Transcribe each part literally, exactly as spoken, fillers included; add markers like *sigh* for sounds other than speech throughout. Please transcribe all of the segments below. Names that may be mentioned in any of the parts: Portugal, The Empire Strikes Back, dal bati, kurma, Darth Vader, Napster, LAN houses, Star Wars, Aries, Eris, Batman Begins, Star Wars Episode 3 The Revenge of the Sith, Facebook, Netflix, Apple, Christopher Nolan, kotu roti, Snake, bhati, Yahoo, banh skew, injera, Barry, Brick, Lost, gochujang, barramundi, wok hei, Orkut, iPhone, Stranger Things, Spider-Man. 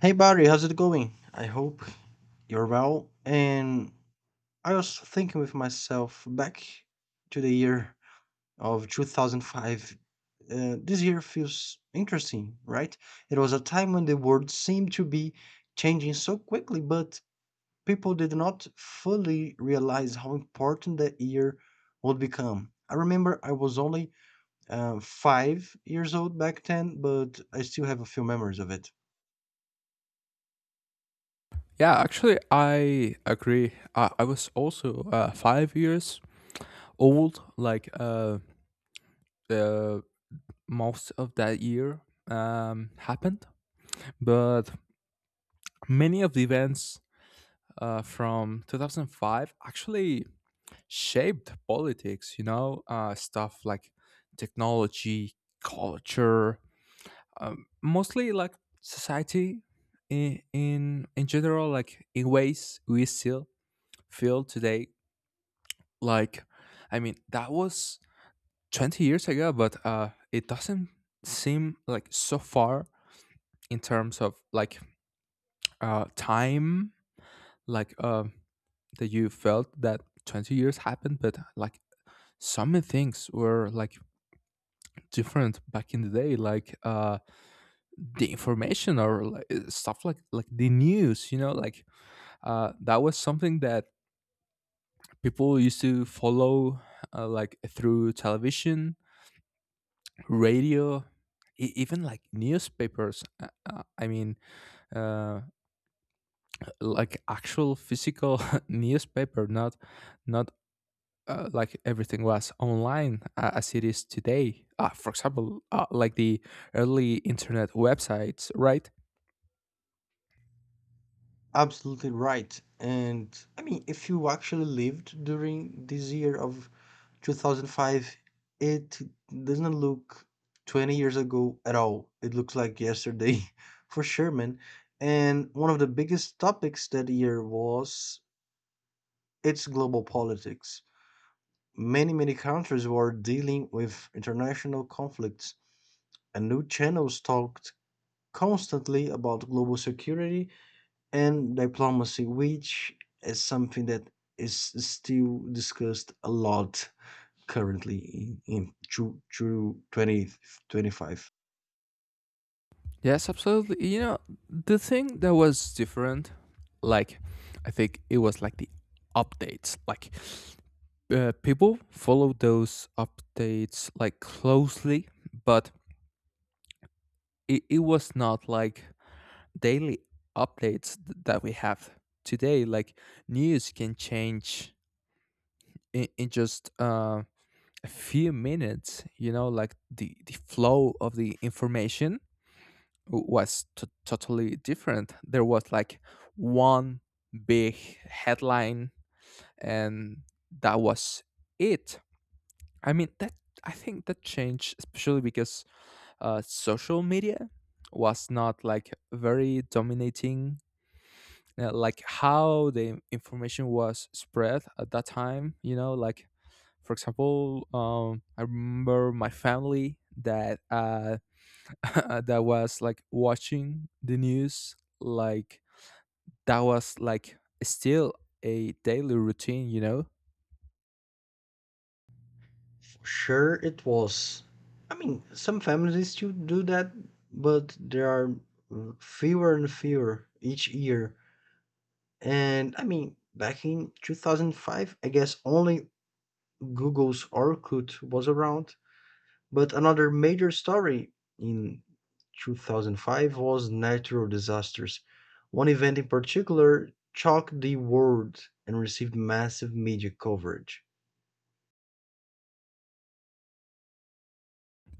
Hey Barry, how's it going? I hope you're well. And I was thinking with myself back to the year of two thousand five. Uh, this year feels interesting, right? It was a time when the world seemed to be changing so quickly, but people did not fully realize how important that year would become. I remember I was only uh, five years old back then, but I still have a few memories of it. Yeah, actually, I agree. I, I was also uh, five years old, like uh, the most of that year um, happened. But many of the events uh, from two thousand five actually shaped politics, you know, uh, stuff like technology, culture, um, mostly like society in, in, in general, like in ways we still feel today. Like i mean that was twenty years ago, but uh it doesn't seem like so far in terms of like uh time, like uh that you felt that twenty years happened. But like some things were like different back in the day, like uh the information, or like, uh, stuff like like the news, you know like uh that was something that people used to follow, uh, like through television, radio, e- even like newspapers. uh, uh, I mean, uh, like actual physical *laughs* newspaper, not not uh, like everything was online uh, as it is today. Uh, for example, uh, like the early internet websites, right? Absolutely right. And I mean, if you actually lived during this year of two thousand five, it doesn't look twenty years ago at all. It looks like yesterday, *laughs* for sure, man. And one of the biggest topics that year was its global politics. Many, many countries were dealing with international conflicts, and new channels talked constantly about global security and diplomacy, which is something that is still discussed a lot currently in, in through, through twenty twenty-five. Yes, absolutely. You know, the thing that was different, like, I think it was like the updates. Like, uh, people follow those updates like closely, but it, it was not like daily updates th- that we have today. Like, news can change in, in just uh, a few minutes, you know, like the, the flow of the information was t- totally different. There was like one big headline, and that was it. I mean, that I think that changed, especially because uh, social media was not like very dominating, uh, like how the information was spread at that time. You know, like for example, um, I remember my family that uh, *laughs* that was like watching the news, like that was like still a daily routine, you know? Sure, it was. I mean, some families still do that, but there are uh, fewer and fewer each year. And I mean, back in two thousand five, I guess only Google's Orkut was around. But another major story in twenty oh five was natural disasters. One event in particular shocked the world and received massive media coverage.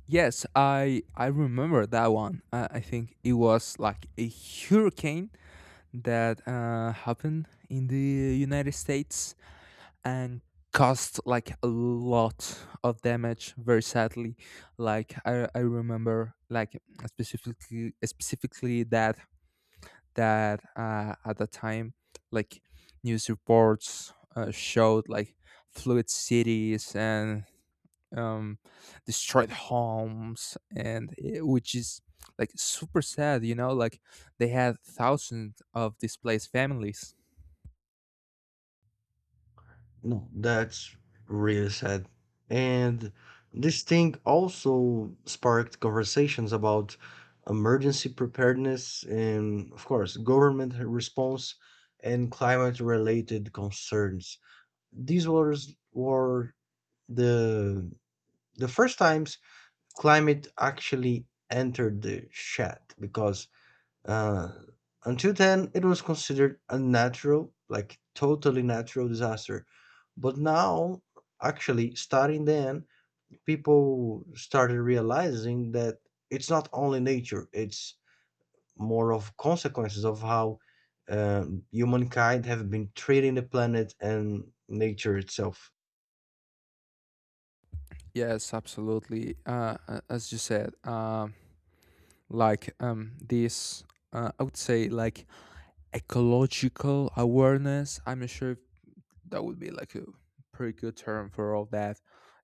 Yes, I I remember that one. Uh, I think it was like a hurricane that uh, happened in the United States and caused like a lot of damage. Very sadly, like I I remember, like specifically specifically that that uh, at the time, like news reports uh, showed like fluid cities and, um, destroyed homes, and it, which is like super sad. You know, like they had thousands of displaced families. No, that's really sad. And this thing also sparked conversations about emergency preparedness and, of course, government response and climate related concerns. These were, were the the first times climate actually entered the chat because uh, until then it was considered a natural, like totally natural disaster. But now, actually, starting then, people started realizing that it's not only nature, it's more of consequences of how um, humankind have been treating the planet and nature itself. Yes, absolutely. Uh, a- as you said, um, like um, this, uh, I would say, like ecological awareness. I'm not sure if that would be like a pretty good term for all that,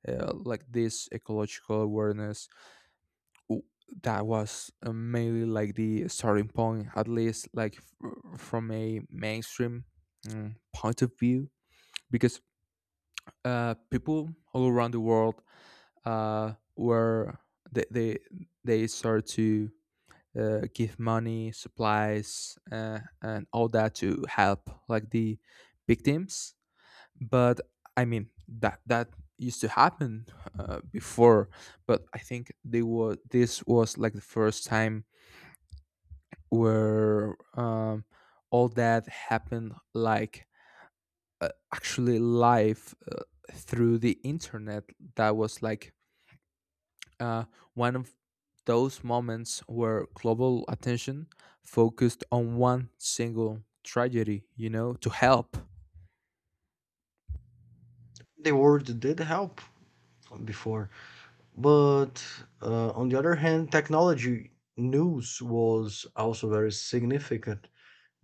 uh, like this ecological awareness w- that was, uh, mainly like the starting point, at least like f- from a mainstream mm, point of view, because uh, people all around the world uh, were, they they, they started to, uh, give money, supplies uh, and all that to help like the victims. But I mean, that that used to happen uh, before. But I think they were this was like the first time where, um, all that happened like, uh, actually live, uh, through the internet. That was like, uh, one of those moments where global attention focused on one single tragedy, you know, to help. The world did help before. But uh, on the other hand, technology news was also very significant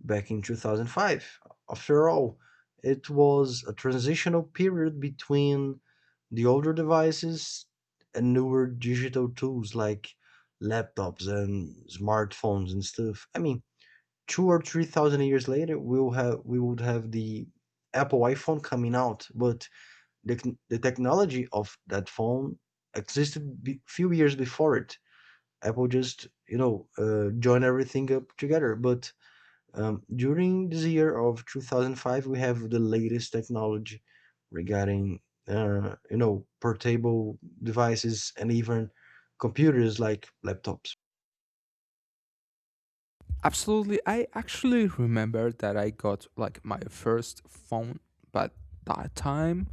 back in two thousand five. After all, it was a transitional period between the older devices and newer digital tools like laptops and smartphones and stuff. I mean, two or three thousand years later, we'll have we would have the Apple iPhone coming out, but the, the technology of that phone existed b- few years before it. Apple just you know uh, joined everything up together. But um, during this year of twenty oh five, we have the latest technology regarding uh, you know portable devices and even computers like laptops. Absolutely. I actually remember that I got like my first phone, but that time,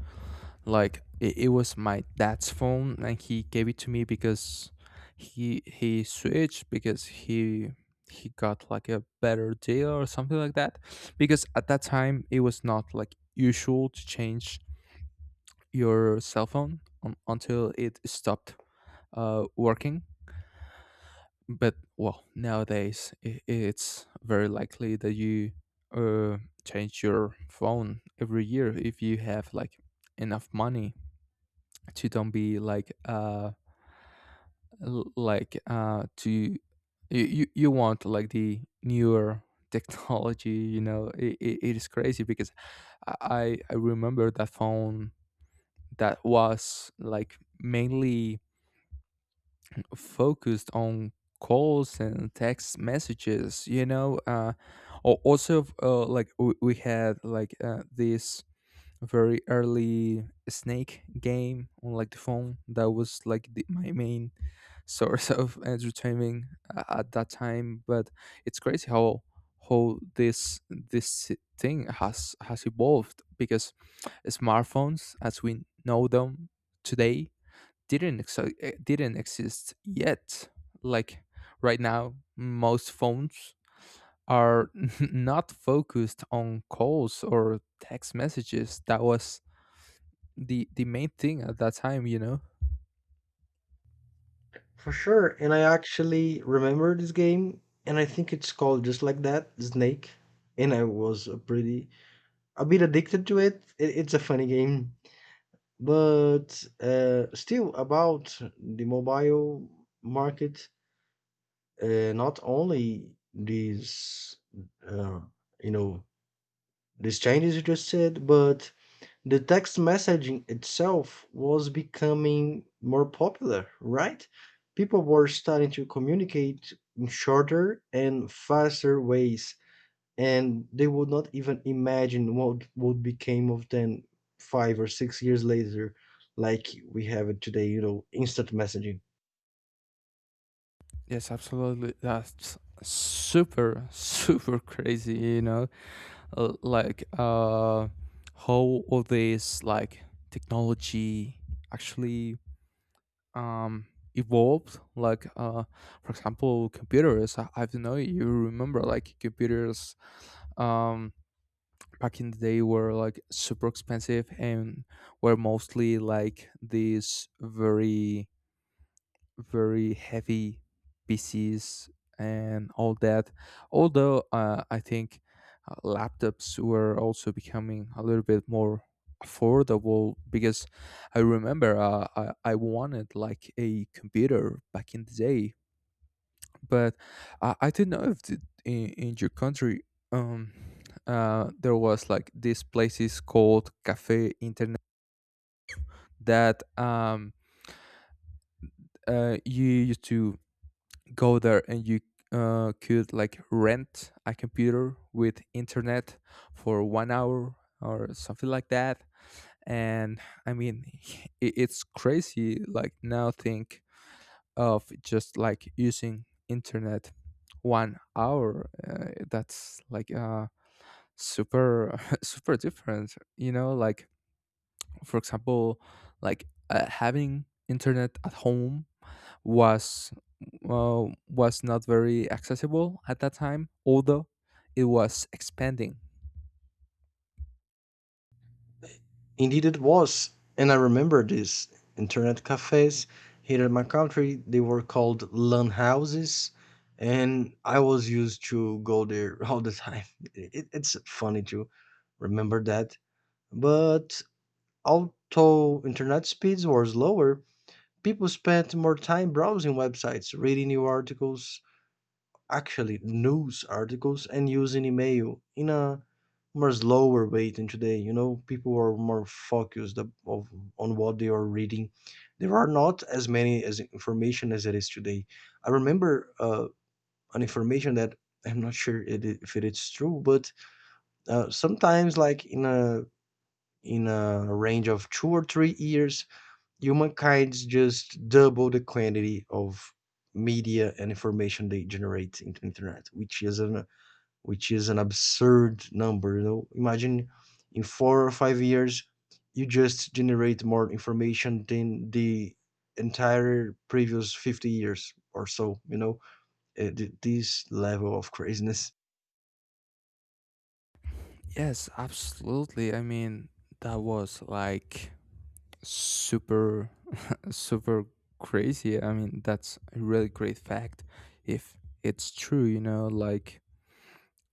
like it, it was my dad's phone, and he gave it to me because he he switched, because he he got like a better deal or something like that. Because at that time, it was not like usual to change your cell phone un until it stopped uh working. But well, nowadays, i- it's very likely that you, uh, change your phone every year if you have like enough money to don't be like uh l- like uh to you you, you want like the newer *laughs* technology, you know. It, it, it is crazy because I, I i remember that phone, that was like mainly focused on calls and text messages, you know. Uh al- also, uh, like we, we had like, uh, this very early snake game on like the phone, that was like the, my main *laughs* source of entertainment uh, at that time. But it's crazy how how this this thing has has evolved because smartphones as we know them today didn't exi- eh, didn't exist yet. Like right now, most phones are *laughs* not focused on calls or text messages. That was the the main thing at that time, you know. For sure, and I actually remember this game, and I think it's called just like that, Snake. And I was a pretty a bit addicted to it. it it's a funny game, but uh, still about the mobile market, uh, not only these, uh, you know, these changes you just said, but the text messaging itself was becoming more popular, right? People were starting to communicate in shorter and faster ways and they would not even imagine what would became of them five or six years later, like we have it today, you know, instant messaging. Yes, absolutely. That's super *laughs* super crazy, you know. Uh, like uh how all this like technology actually um evolved, like uh for example, computers. i, I don't know, you remember like computers um back in the day, were like super expensive and were mostly like these very very heavy P Cs and all that. Although uh, I think uh, laptops were also becoming a little bit more affordable, because I remember, uh, I, I wanted like a computer back in the day. But I, I didn't know if the, in, in your country, um, uh, there was like these places called cafe internet, that um, uh, you used to go there and you, uh, could like rent a computer with internet for one hour or something like that. And I mean, *laughs* it, it's crazy, like now think of just like using internet one hour, uh, that's like uh super *laughs* super different, you know. Like, for example, like uh, having internet at home was, uh, was not very accessible at that time, although it was expanding. Indeed, it was, and I remember this internet cafes here in my country. They were called LAN houses, and I was used to go there *laughs* all the time. *laughs* It, it's funny to remember that, but although internet speeds were slower, people spent more time browsing websites, reading new articles, actually news articles, and using email in a more slower way than today. You know, people are more focused ab- of, on what they are reading. There are not as many as information as it is today. I remember uh, an information that I'm not sure it, i- if it is true, but uh, sometimes like in a in a range of two or three years humankind's just double the quantity of media and information they generate into internet, which is an which is an absurd number. You know, imagine in four or five years you just generate more information than the entire previous fifty years or so you know uh, th- this level of craziness Yes, absolutely. I mean, that was like super super crazy. I mean, that's a really great fact if it's true, you know. Like,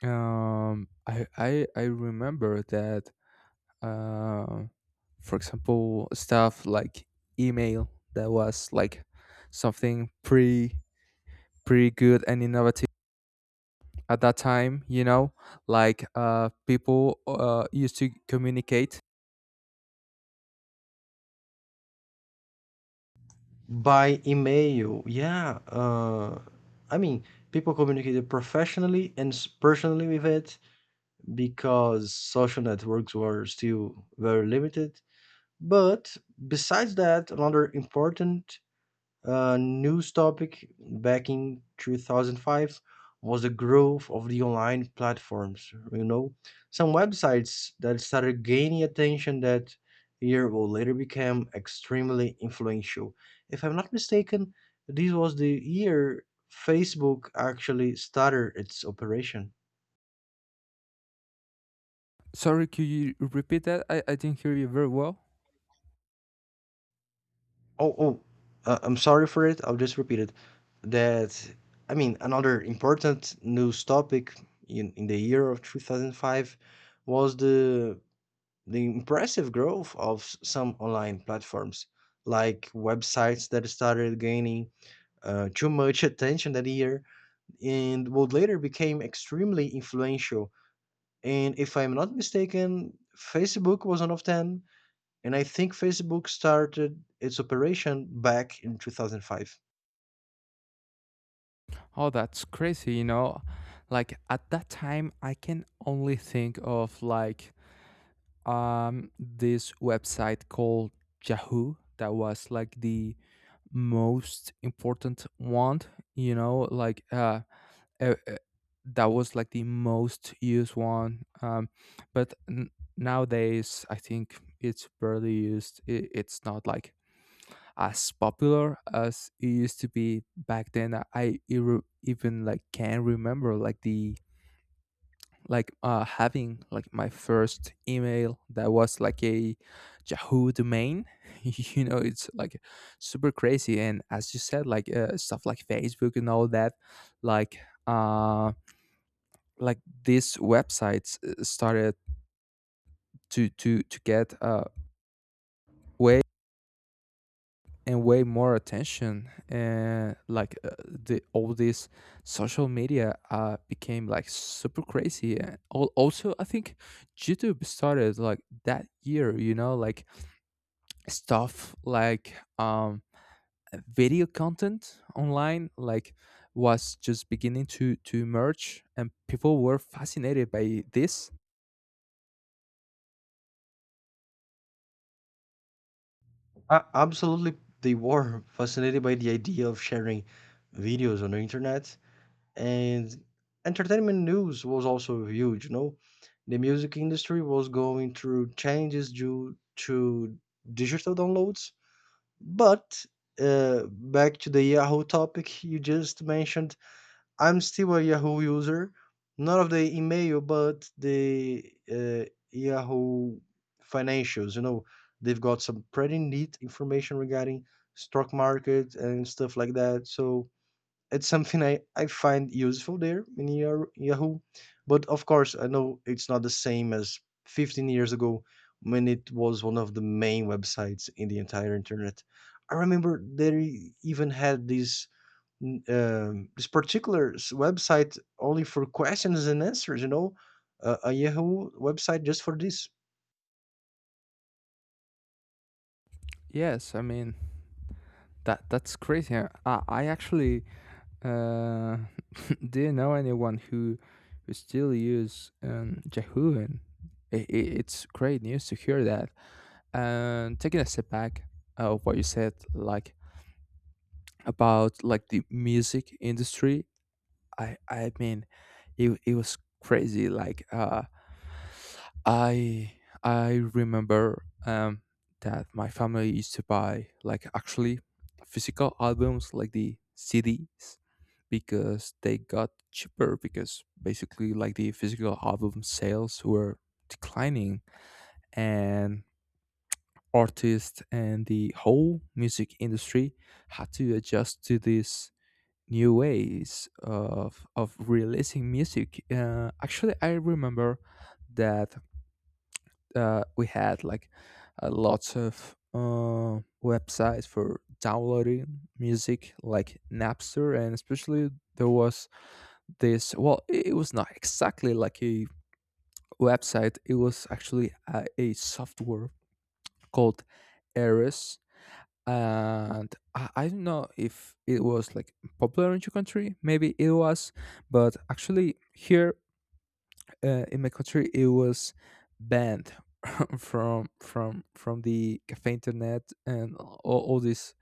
um I I I remember that, uh for example, stuff like email, that was like something pre pretty good and innovative at that time, you know. Like, uh people uh used to communicate. by email, yeah, uh I mean people communicated professionally and s- personally with it because social networks were still very limited. But besides that, another important uh, news topic back in two thousand five was the growth of the online platforms. You know, some websites that started gaining attention that year will later become extremely influential. If I'm not mistaken, this was the year Facebook actually started its operation. Sorry, could you repeat that? i, I didn't hear you very well. Oh, oh, uh, I'm sorry for it. I'll just repeat it. That, I mean, another important news topic in, in the year of two thousand five was the the impressive growth of s- some online platforms, like websites that started gaining uh, too much attention that year and would later became extremely influential. And if I'm not mistaken, Facebook was one of them, and I think Facebook started its operation back in two thousand five. Oh, that's crazy, you know. Like, at that time, I can only think of like, um this website called Yahoo, that was like the most important one, you know. like uh uh, uh, that was like the most used one. um but n- Nowadays, I think it's barely used. I It's not like as popular as it used to be back then. I I e- even like, can remember like the like uh having like my first email, that was like a Yahoo domain. *laughs* You know, it's like super crazy. And as you said, like, uh, stuff like Facebook and all that, like um like these websites, uh, started to to to get, uh way and way more attention. And like uh, the all this social media uh became like super crazy. And al- also, I think YouTube started like that year, you know. Like, stuff like, um video content online, like, was just beginning to to emerge, and people were fascinated by this. A- absolutely, they were fascinated by the idea of sharing videos on the internet, and entertainment news was also huge. You know, the music industry was going through changes due to digital downloads. But uh, back to the Yahoo topic you just mentioned, I'm still a Yahoo user, not of the email, but the uh, Yahoo financials. You know, they've got some pretty neat information regarding stock market and stuff like that. So it's something I, I find useful there in Yar- Yahoo. But of course, I know it's not the same as fifteen years ago when it was one of the main websites in the entire internet. I remember they even had this N- um, this particular s- website only for questions and answers, you know, uh, a Yahoo website just for this. Yes, I mean, That that's crazy. I, I actually, uh, *laughs* do you know anyone who who still use, um, Yahoo? And I I it's great news to hear that. And taking a step back of what you said, like about like the music industry, I I mean, it it was crazy. Like, uh, I I remember, um, that my family used to buy like actually physical albums like the C Ds, because they got cheaper, because basically like the physical album sales were declining, and artists and the whole music industry had to adjust to these new ways of of releasing music. Uh, actually, I remember that, uh, we had like, uh, lots of uh, websites for downloading music, like Napster. And especially, there was this. Well, it was not exactly like a website. It was actually a, a software called Eris. And I, I don't know if it was like popular in your country. Maybe it was, but actually here, uh, in my country, it was banned *laughs* from from from the cafe internet and all, all these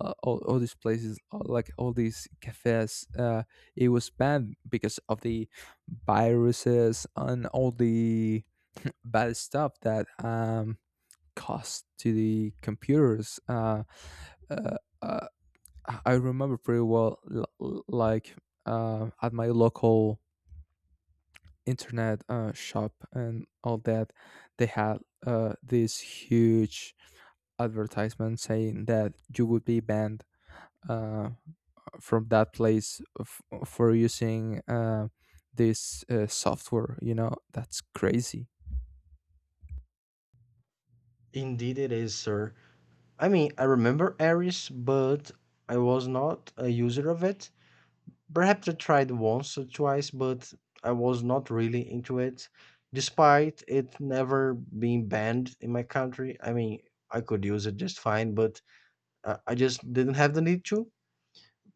uh, all, all these places, uh, like all these cafes. Uh, it was banned because of the viruses and all the bad stuff that, um caused to the computers. uh, uh, uh, I remember pretty well, l- l- like, uh, at my local internet uh, shop and all that, they had, uh, this huge advertisement saying that you would be banned, uh, from that place, f- for using, uh, this uh, software. You know, that's crazy. Indeed, it is, sir. I mean, I remember Aries, but I was not a user of it. Perhaps I tried once or twice, but I was not really into it, despite it never being banned in my country. I mean, I could use it just fine, but uh, I just didn't have the need to.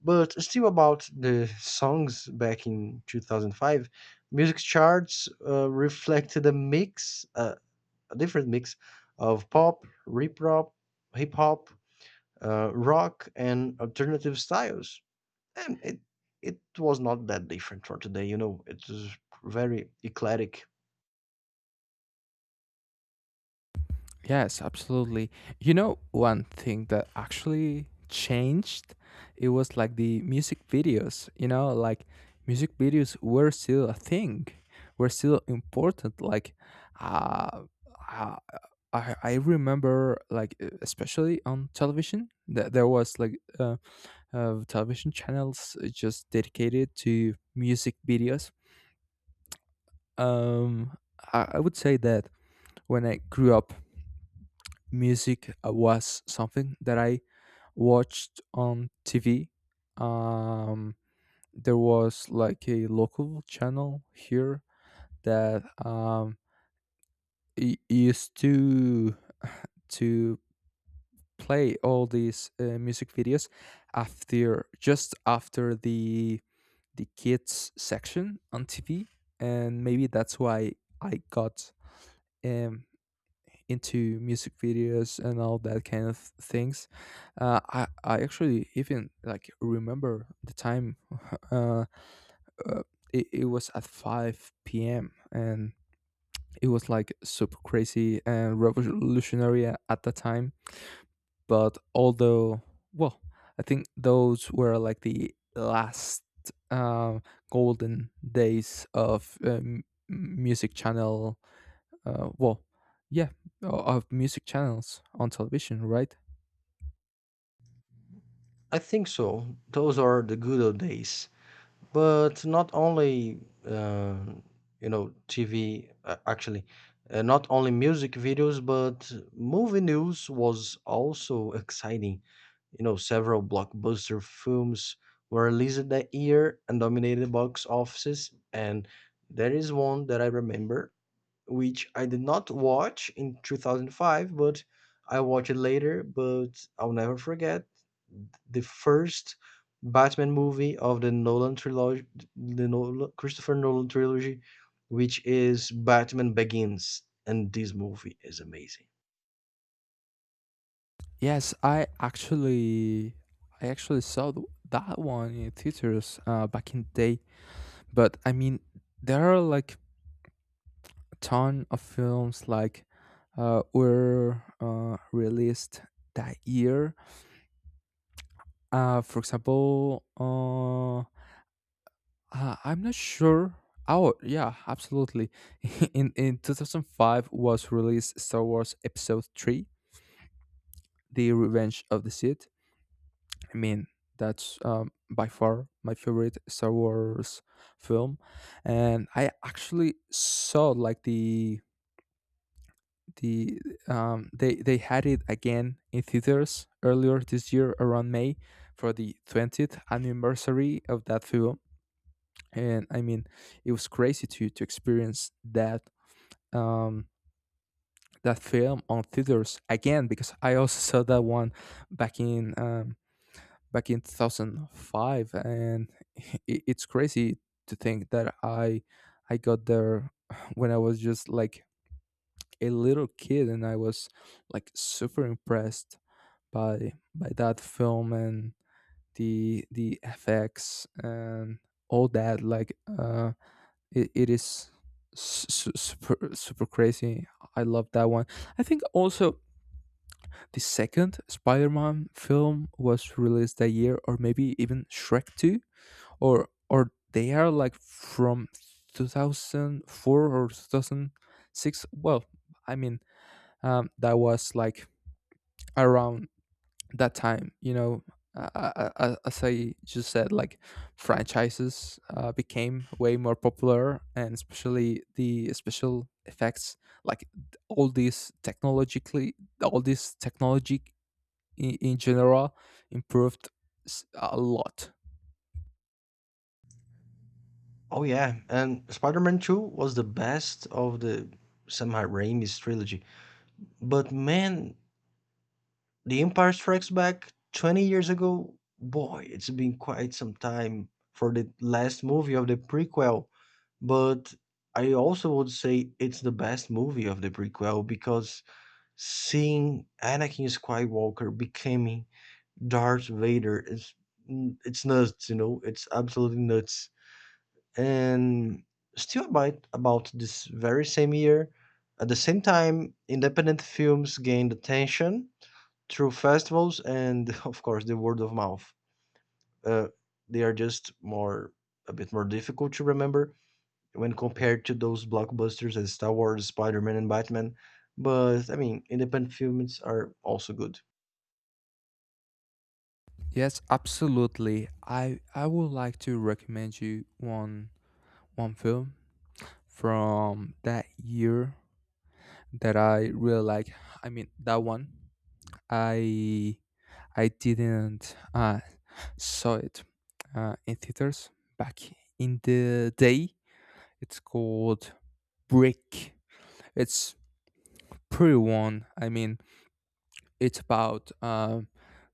But still about the songs back in two thousand five, music charts uh, reflected a mix, uh, a different mix of pop, hip hop, hip hop, uh, rock, and alternative styles. And it it was not that different for today, you know. It was very eclectic. Yes, absolutely. You know, one thing that actually changed, it was like the music videos, you know, like music videos were still a thing, were still important. Like, uh, uh, I, I remember, like, uh, especially on television, that there was like uh, uh, television channels, uh, just dedicated to music videos. Um, I, I would say that when I grew up, music was something that I watched on T V. Um, there was like a local channel here that, um, y- used to to play all these, uh, music videos, after just after the the kids section on T V. And maybe that's why I got, um, into music videos and all that kind of things. Uh, I I actually even like remember the time. *laughs* Uh, uh, it, it was at five p m, and it was like super crazy and revolutionary a- at the time. But although, well, I think those were like the last um golden days of um, music channel uh, well, yeah, o- of music channels on television, right? I think so. Those are the good old days. But not only, uh, you know, T V, uh, actually, uh, not only music videos, but movie news was also *laughs* exciting. You know, several blockbuster films were released that year and dominated box offices. And there is one that I remember which I did not watch in twenty oh five, but I watched it later. But I'll never forget the first Batman movie of the Nolan trilogy, the Nolan, Christopher Nolan trilogy, which is Batman Begins, and this movie is amazing. Yes, I actually, I actually saw th- that one in theaters uh, back in the day. But I mean, there are like a ton of films like uh, were uh, released that year. Uh, for example, uh, uh, I'm not sure. Oh, yeah, absolutely. *laughs* in in twenty oh five was released Star Wars Episode three, The Revenge of the Sith. I mean, that's um, by far my favorite Star Wars film, and I actually saw like the the um they they had it again in theaters earlier this year around May for the twentieth anniversary of that film. And I mean, it was crazy to to experience that um that film on theaters again, because I also saw that one back in um back in two thousand five. And *laughs* it, it's crazy to think that i i got there *laughs* when I was just like a little kid, and I was like super impressed by by that film and the the fx and all that like uh it, it is s- s- super super crazy. I love that one. I think also the second Spider-Man film was released that year, or maybe even Shrek two. Or or they are like from two thousand four or two thousand six. well I mean, um, that was like around that time, you know. Uh, uh, uh, as I just said, like, franchises uh, became way more popular, and especially the special effects, like, all these technologically all this technology in, in general improved s- a lot. Oh yeah, and Spider-Man Two was the best of the Sam Raimi's trilogy. But man, The Empire Strikes Back twenty years ago, boy, it's been quite some time for the last movie of the prequel, but I also would say it's the best movie of the prequel because seeing Anakin Skywalker becoming Darth Vader is mm, it's nuts, you know, it's absolutely nuts. And still about about this very same year, at the same time, independent films gained attention through festivals and *laughs* of course the word of mouth. Uh, they are just more a bit more difficult to remember when compared to those blockbusters as Star Wars, Spider-Man, and Batman. But I mean, independent films are also good. Yes, absolutely. I I would like to recommend you one one film from that year that I really like. I mean that one. I I didn't uh saw it uh, in theaters back in the day. It's called Brick. It's pretty one. I mean, it's about um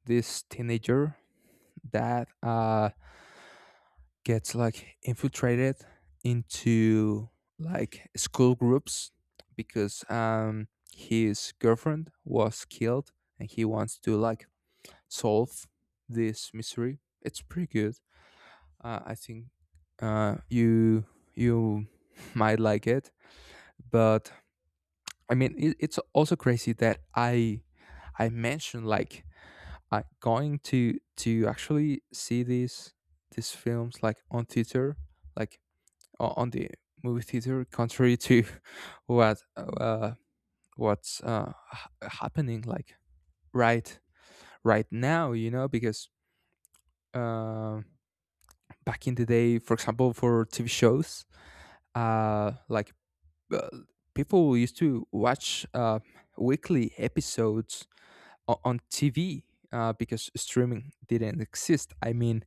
this teenager that uh gets like infiltrated into like school groups because um his girlfriend was killed, and he wants to like solve this mystery. It's pretty good. Uh, I think uh you you *laughs* might like it. But I mean, it, it's also crazy that i i mentioned like I going to to actually see these these films like on theater, like o- on the movie theater, contrary to *laughs* what uh, what's uh, h- happening like right right now, you know, because uh, back in the day, for example, for T V shows, uh, like uh, people used to watch uh, weekly episodes o- on T V uh, because streaming didn't exist. I mean,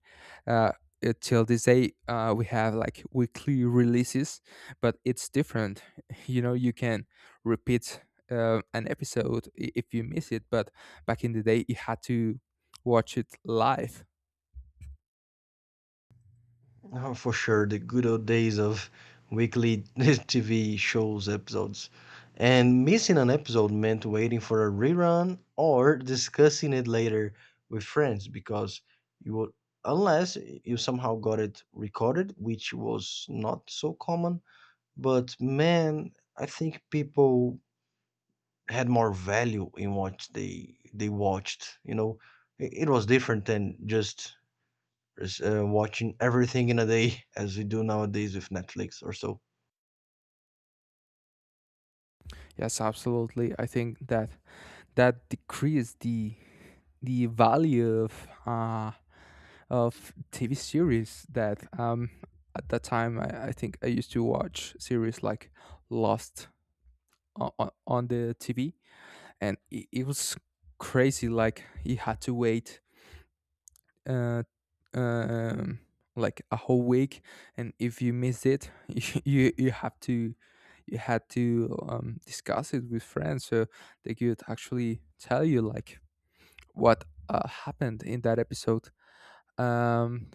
uh, uh, till this day, uh, we have like weekly releases, but it's different. *laughs* You know, you can repeat uh, an episode i- if you miss it, but back in the day, you had to watch it live. Oh, for sure, the good old days of weekly *laughs* T V shows episodes. And missing an episode meant waiting for a rerun or discussing it later with friends because you would, unless you somehow got it recorded, which was not so common. But man, I think people had more value in what they they watched, you know. It, it was different than just res- uh, watching everything in a day as we do nowadays with Netflix or so. Yes, absolutely. I think that that decreased the the value of uh, of T V series. That um at that time, I, I think I used to watch series like Lost on, on on the T V, and it, it was crazy, like you had to wait uh um like a whole week, and if you missed it *laughs* you you you have to, you had to um discuss it with friends so they could actually tell you like what uh, happened in that episode. um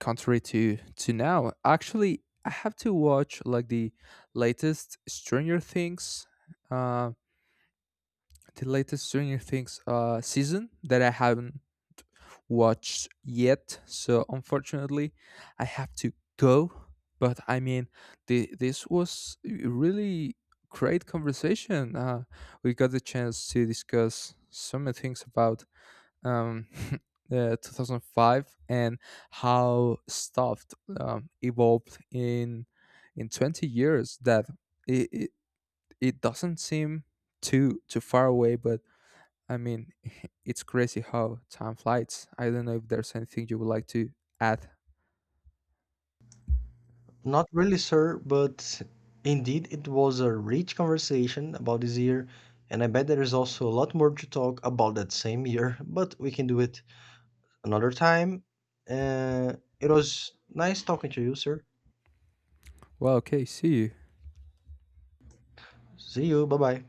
Contrary to to now, actually I have to watch like the latest stranger things uh the latest Stranger Things uh season that I haven't watched yet. So unfortunately I have to go. But I mean, the, this was a really great conversation. Uh we got the chance to discuss so many things about um, *laughs* uh, twenty oh five and how stuff um, evolved in in twenty years. That it, it it doesn't seem too too far away, but I mean *laughs* it's crazy how time flies. I don't know if there's anything you would like to add. Not really, sir, but indeed it was a rich conversation about this year, and I bet there is also a lot more to talk about that same year, but we can do it another time. Uh, it was nice talking to you, sir. Well, okay, see you. See you. Bye bye.